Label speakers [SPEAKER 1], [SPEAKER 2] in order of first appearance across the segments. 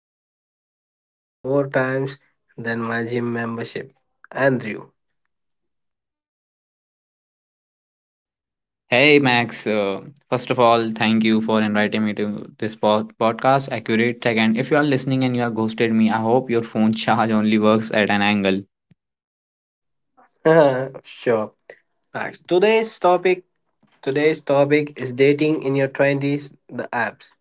[SPEAKER 1] been ghosted more times than my gym membership, Andrew.
[SPEAKER 2] Hey Max, first of all, thank you for inviting me to this podcast. Accurate second, if you are listening and you are ghosted me, I hope your phone charge only works at an angle.
[SPEAKER 1] sure. Max, today's topic is dating in your 20s, the apps.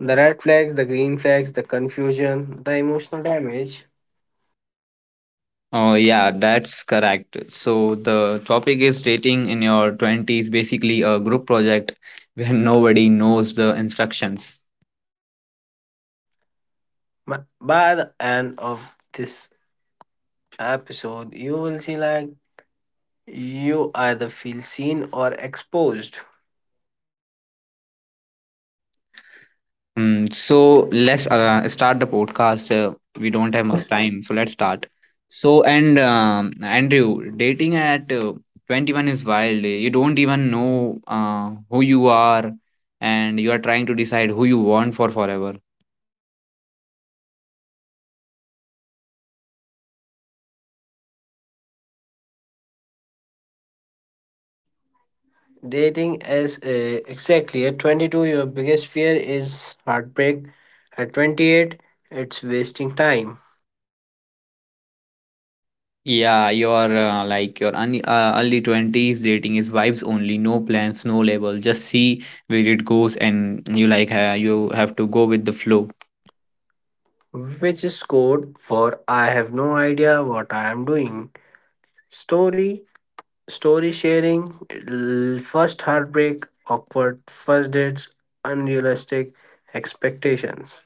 [SPEAKER 1] The red flags, the green flags, the confusion, the emotional damage.
[SPEAKER 2] Oh yeah, that's correct. So the topic is dating in your twenties, basically a group project where nobody knows the instructions.
[SPEAKER 1] By the end of this episode, you will see like you either feel seen or exposed.
[SPEAKER 2] So let's start the podcast. We don't have much time, so let's start. Andrew, dating at 21 is wild. You don't even know who you are, and you are trying to decide who you want for forever.
[SPEAKER 1] Dating is exactly at 22, your biggest fear is heartbreak. At 28, it's wasting time,
[SPEAKER 2] Yeah, you're like your early 20s dating is vibes only, no plans, no label. Just see where it goes, and you like you have to go with the flow.
[SPEAKER 1] which is code for I have no idea what I am doing. Story, story sharing, First heartbreak, awkward first dates, unrealistic expectations.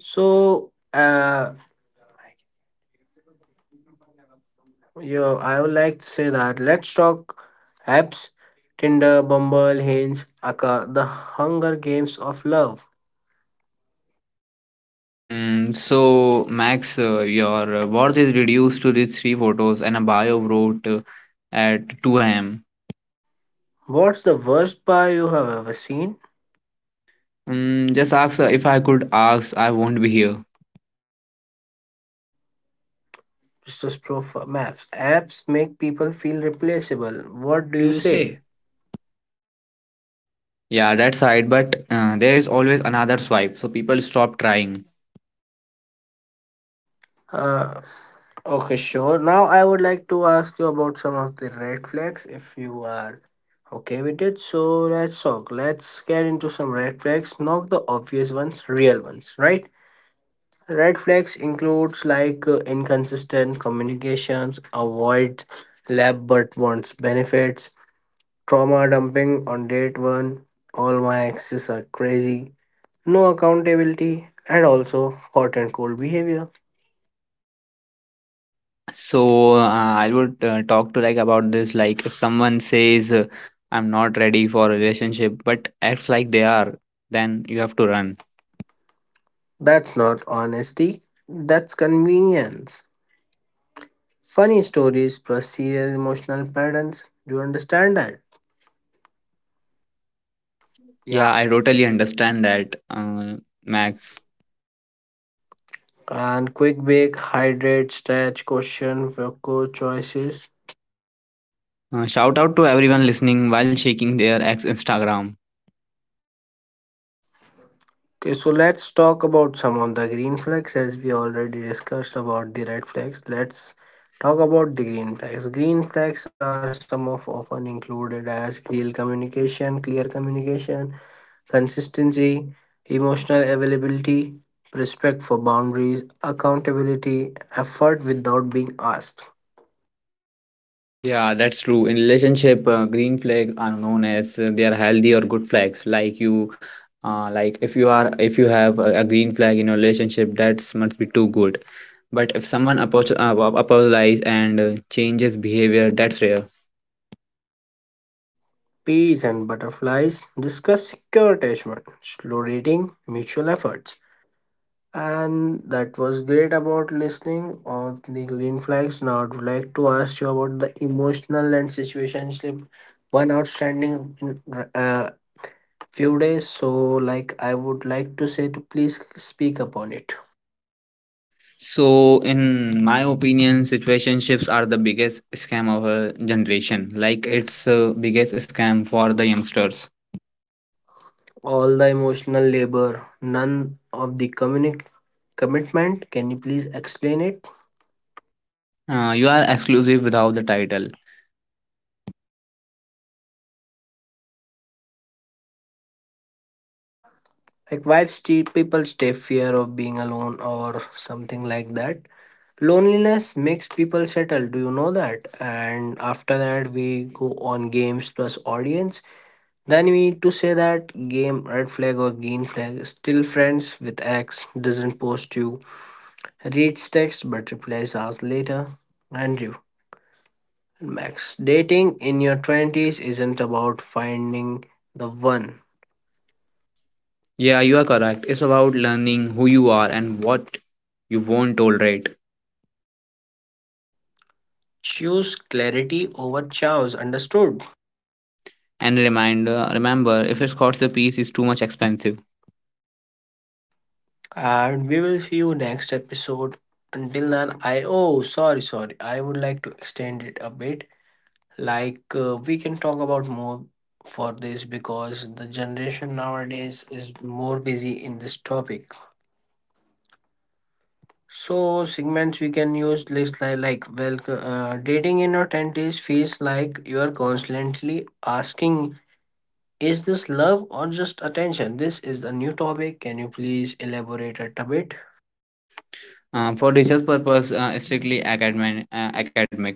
[SPEAKER 1] So, uh, Yeah, I would like to say that let's talk apps Tinder, Bumble, Hinge, Aka, the Hunger Games of Love.
[SPEAKER 2] So Max, your worth is reduced to these three photos and a bio wrote at 2 a.m.
[SPEAKER 1] What's the worst bar you have ever seen?
[SPEAKER 2] Just ask if I could ask, I won't be here.
[SPEAKER 1] It's just profile maps. Apps make people feel replaceable. What do
[SPEAKER 2] What do
[SPEAKER 1] you
[SPEAKER 2] you
[SPEAKER 1] say?
[SPEAKER 2] say? Yeah, that's right. But there is always another swipe, so people stop trying.
[SPEAKER 1] Uh, okay, sure. Now I would like to ask you about some of the red flags if you are okay with it. So let's talk. Let's get into some red flags. Not the obvious ones, real ones, right? Red flags includes inconsistent communications, avoid lab but wants benefits, trauma dumping on date one, all my exes are crazy, no accountability, and also hot and cold behavior.
[SPEAKER 2] So I would talk to like about this. Like if someone says I'm not ready for a relationship, but acts like they are, then you have to run.
[SPEAKER 1] That's not honesty, that's convenience. Funny stories plus serious emotional patterns. Do you understand that? Yeah,
[SPEAKER 2] Yeah, I totally understand that,
[SPEAKER 1] Max.
[SPEAKER 2] Max.
[SPEAKER 1] And quick bake, hydrate, stretch, question, vocal choices.
[SPEAKER 2] Shout out to everyone listening while shaking their ex Instagram.
[SPEAKER 1] Okay, so let's talk about some of the green flags as we already discussed about the red flags. Let's talk about the green flags. Green flags are some of often included as real communication, clear communication, consistency, emotional availability, respect for boundaries, accountability, effort without being asked.
[SPEAKER 2] Yeah, that's true. In relationship, green flag are known as they are healthy or good flags. Like you, like if you have a green flag in your relationship, that must be too good. But if someone apologizes and changes behavior, that's rare.
[SPEAKER 1] Peas and butterflies discuss secure attachment, slow dating, mutual efforts. And that was great about listening of the green flags. Now, I would like to ask you about the emotional and situationship one outstanding in uh, few days. So, like, I would like to say to please speak upon it.
[SPEAKER 2] So, in my opinion, situationships are the biggest scam of our generation.
[SPEAKER 1] Like,
[SPEAKER 2] Like,
[SPEAKER 1] it's
[SPEAKER 2] it's the biggest scam for the youngsters.
[SPEAKER 1] all the emotional labor, none of the communic commitment. Can you please explain it?
[SPEAKER 2] You are exclusive without the title.
[SPEAKER 1] Like, why people stay fear of being alone or something like that? Loneliness makes people settle, do you know that? And after that, we go on games plus audience. Then we need to say that game red flag or green flag. Still friends with X doesn't post you, reads text but replies hours later. Andrew and Max. Dating in your 20s isn't about finding the one.
[SPEAKER 2] Yeah, you are correct. It's about learning who you are and what you won't tolerate.
[SPEAKER 1] Choose clarity over chaos, understood?
[SPEAKER 2] And reminder, remember, if a scholarship piece is too much expensive
[SPEAKER 1] And we will see you next episode. Until then, I oh sorry. I would like to extend it a bit. Like we can talk about more for this because the generation nowadays is more busy in this topic. So segments we can use list dating in your twenties feels like you are constantly asking is this love or just attention? This is a new topic. Can you please elaborate it a bit?
[SPEAKER 2] for research purpose, strictly academic, academic.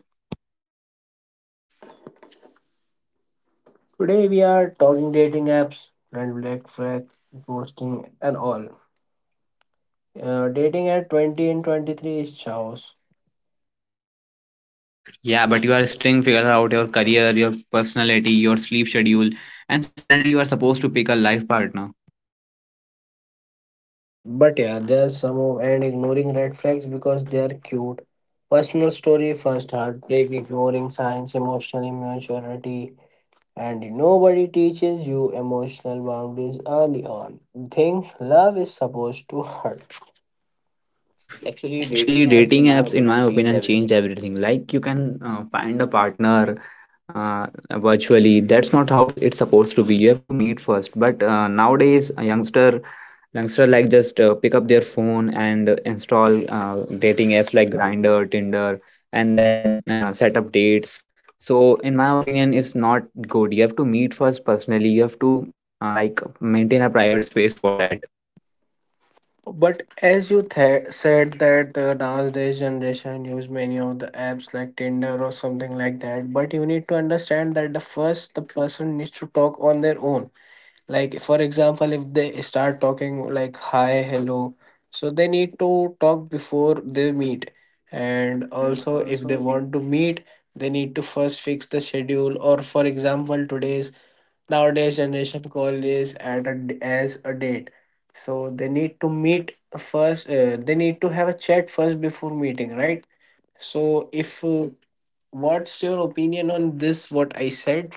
[SPEAKER 1] Today we are talking dating apps, red black flag, ghosting, and all. Dating at 20 and 23 is chaos.
[SPEAKER 2] Yeah, but you are still figure out your career, your personality, your sleep schedule, and suddenly you are supposed to pick a life partner.
[SPEAKER 1] Yeah, but yeah, there's some of and ignoring red flags because they are cute. Personal story, first heartbreak, ignoring signs, emotional immaturity, and nobody teaches you emotional boundaries early on. Think love is supposed to hurt. Actually,
[SPEAKER 2] Actually,
[SPEAKER 1] dating apps,
[SPEAKER 2] dating
[SPEAKER 1] in my
[SPEAKER 2] apps, in my
[SPEAKER 1] opinion, change
[SPEAKER 2] opinion,
[SPEAKER 1] everything.
[SPEAKER 2] changed everything. Like you can find a partner virtually. That's not how it's supposed to be. You have to meet first. But nowadays, a youngster, youngster like just pick up their phone and install dating apps like Grindr, Tinder, and then set up dates. So, in my opinion, it's not good. You have to meet first personally. You have to like maintain a private space for that.
[SPEAKER 1] But as you said that the nowadays generation use many of the apps like Tinder or something like that. But you need to understand that the first the person needs to talk on their own. Like for example, if they start talking like hi, hello, so they need to talk before they meet. And also, if they want to meet, they need to first fix the schedule. Or for example, today's nowadays generation call is at a d as a date, so they need to meet first they need to have a chat first before meeting, right? So if what's your opinion on this what I said?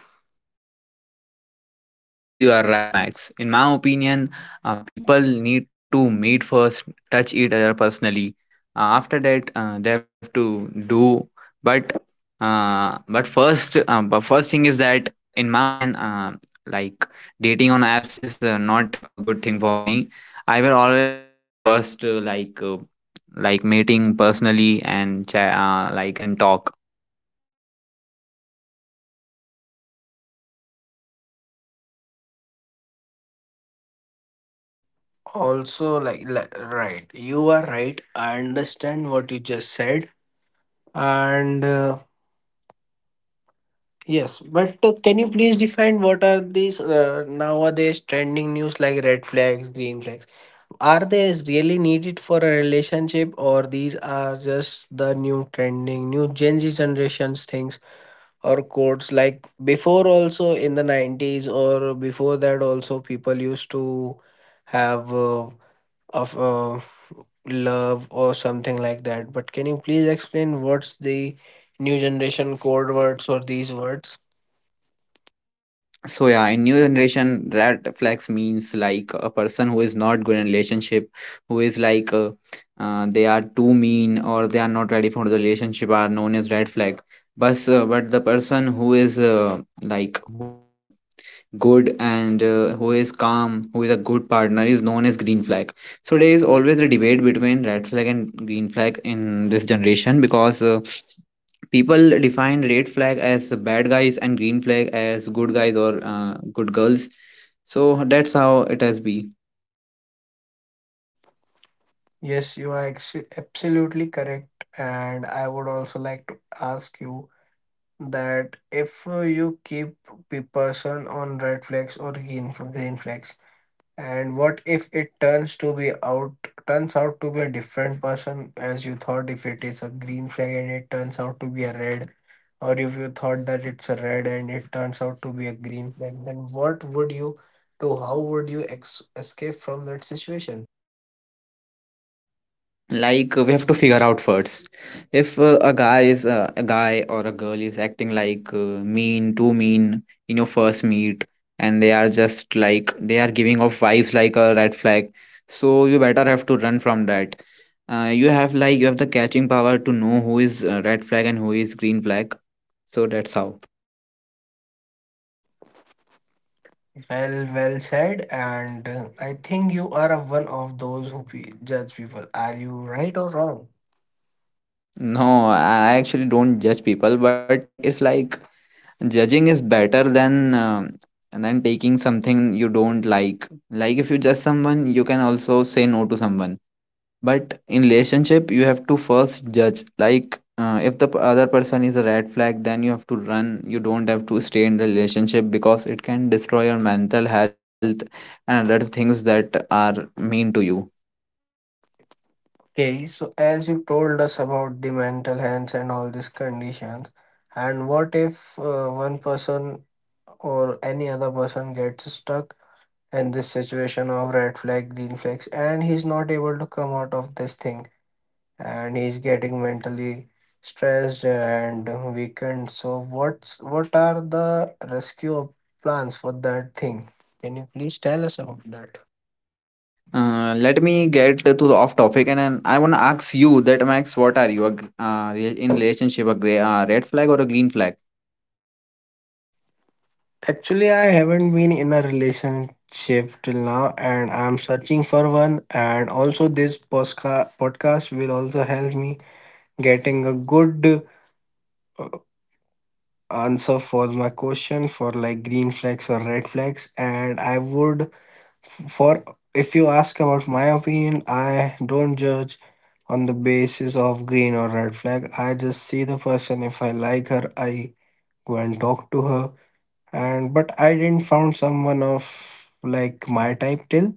[SPEAKER 2] Yeah, exactly. You are right, Max. In my opinion, people need to meet first, touch each other personally. After that, they have to do. But but first thing is that, in my opinion, like dating on apps is not a good thing for me. I will always prefer first, like meeting personally and like and talk.
[SPEAKER 1] Also like right you are right, I understand what you just said, and yes. But can you please define what are these nowadays trending news like red flags green flags? Are they really needed for a relationship, or these are just the new trending, new Gen Z generations things or quotes? Like before, also in the 90s, or before that, also people used to have of love or something like that. But can you please explain what's the new generation code words or these words?
[SPEAKER 2] So yeah, in new generation, red flags means like a person who is not good in relationship, who is like they are too mean or they are not ready for the relationship are known as red flag. But the person who is like who is good and who is calm, who is a good partner is known as green flag. So there is always a debate between red flag and green flag in this generation because people define red flag as bad guys and green flag as good guys or good girls. So that's how it has been.
[SPEAKER 1] Yes, you are absolutely correct. And I would also like to ask you that if you keep the person on red flags or green flags, and what if it turns out to be a different person as you thought? If it is a green flag and it turns out to be a red, or if you thought that it's a red and it turns out to be a green flag, then what would you do? How would you escape from that situation?
[SPEAKER 2] Like we have to figure out first if a guy is a guy or a girl is acting like mean too mean in your first meet, and they are just like they are giving off vibes like a red flag, so you better have to run from that. You have like you have the catching power to know who is red flag and who is green flag, so that's how.
[SPEAKER 1] Well, well said. And I think you are a one of those who judge people. Are you right or wrong?
[SPEAKER 2] No, I actually don't judge people, but like it's like judging is better than taking something you don't like. Like if you judge someone, you can also say no to someone. But in relationship, you have to first judge. Like if the other person is a red flag, then you have to run. You don't have to stay in the relationship because it can destroy your mental health and other things that are mean to you.
[SPEAKER 1] Okay, so as you told us about the mental health and all these conditions, and what if one person or any other person gets stuck in this situation of red flag, green flags, and he's not able to come out of this thing, and he's getting mentally stressed and weakened. So what are the rescue plans for that thing? Can you please tell us about that?
[SPEAKER 2] Let me get to the off topic and then I want to ask you that Max, what are you a, in relationship a red flag or a green flag?
[SPEAKER 1] Actually, I haven't been in a relationship till now, and I'm searching for one. And also, this podcast will also help me getting a good answer for my question for like green flags or red flags. And I would, for if you ask about my opinion, I don't judge on the basis of green or red flag. I just see the person. If I like her, I go and talk to her, and but I didn't found someone of like my type till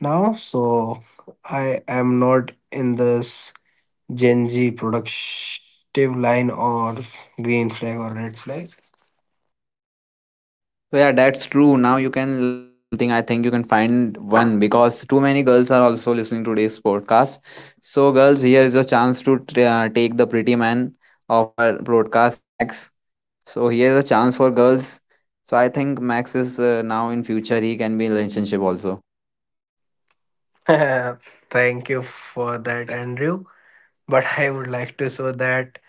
[SPEAKER 1] now. So I am not in this Gen Z productive line or green flag or red flag.
[SPEAKER 2] So yeah, that's true. Now you can like something. I think you can find one because too many girls are also listening to today's podcast. So girls, here is a chance to take the pretty man of our broadcast, Max. So here is a chance for girls. So I think Max is now in future he can be in relationship also.
[SPEAKER 1] Thank you for that, Andrew. But I would like to show that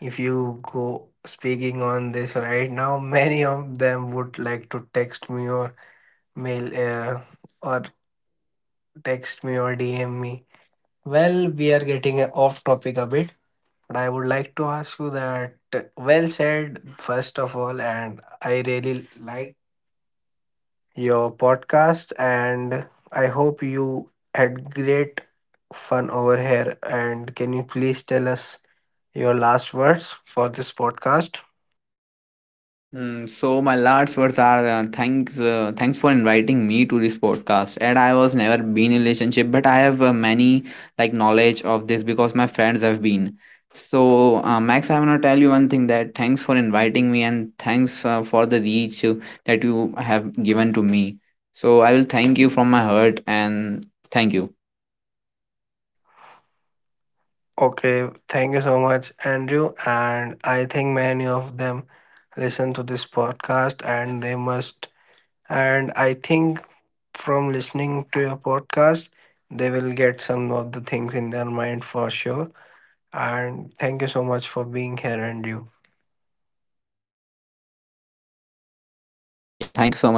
[SPEAKER 1] if you go speaking on this right now, many of them would like to mail uh, or text me or DM me. Well, we are getting off topic a bit. And I would like to ask you that well said, first of all, and I really like your podcast, and I hope you had great fun over here. And can you please tell us your last words for this podcast?
[SPEAKER 2] So my last words are thanks for inviting me to this podcast, and I was never been in relationship, but I have many like knowledge of this because my friends have been. So Max, I want to tell you one thing, that thanks for inviting me, and thanks for the reach that you have given to me. So I will thank you from my heart, and thank you.
[SPEAKER 1] Okay, thank you so much, Andrew. And I think many of them listen to this podcast, and they must And I think from listening to your podcast, they will get some of the things in their mind for sure. And thank you so much for being here and you.
[SPEAKER 2] Yeah, thank you so much, Max.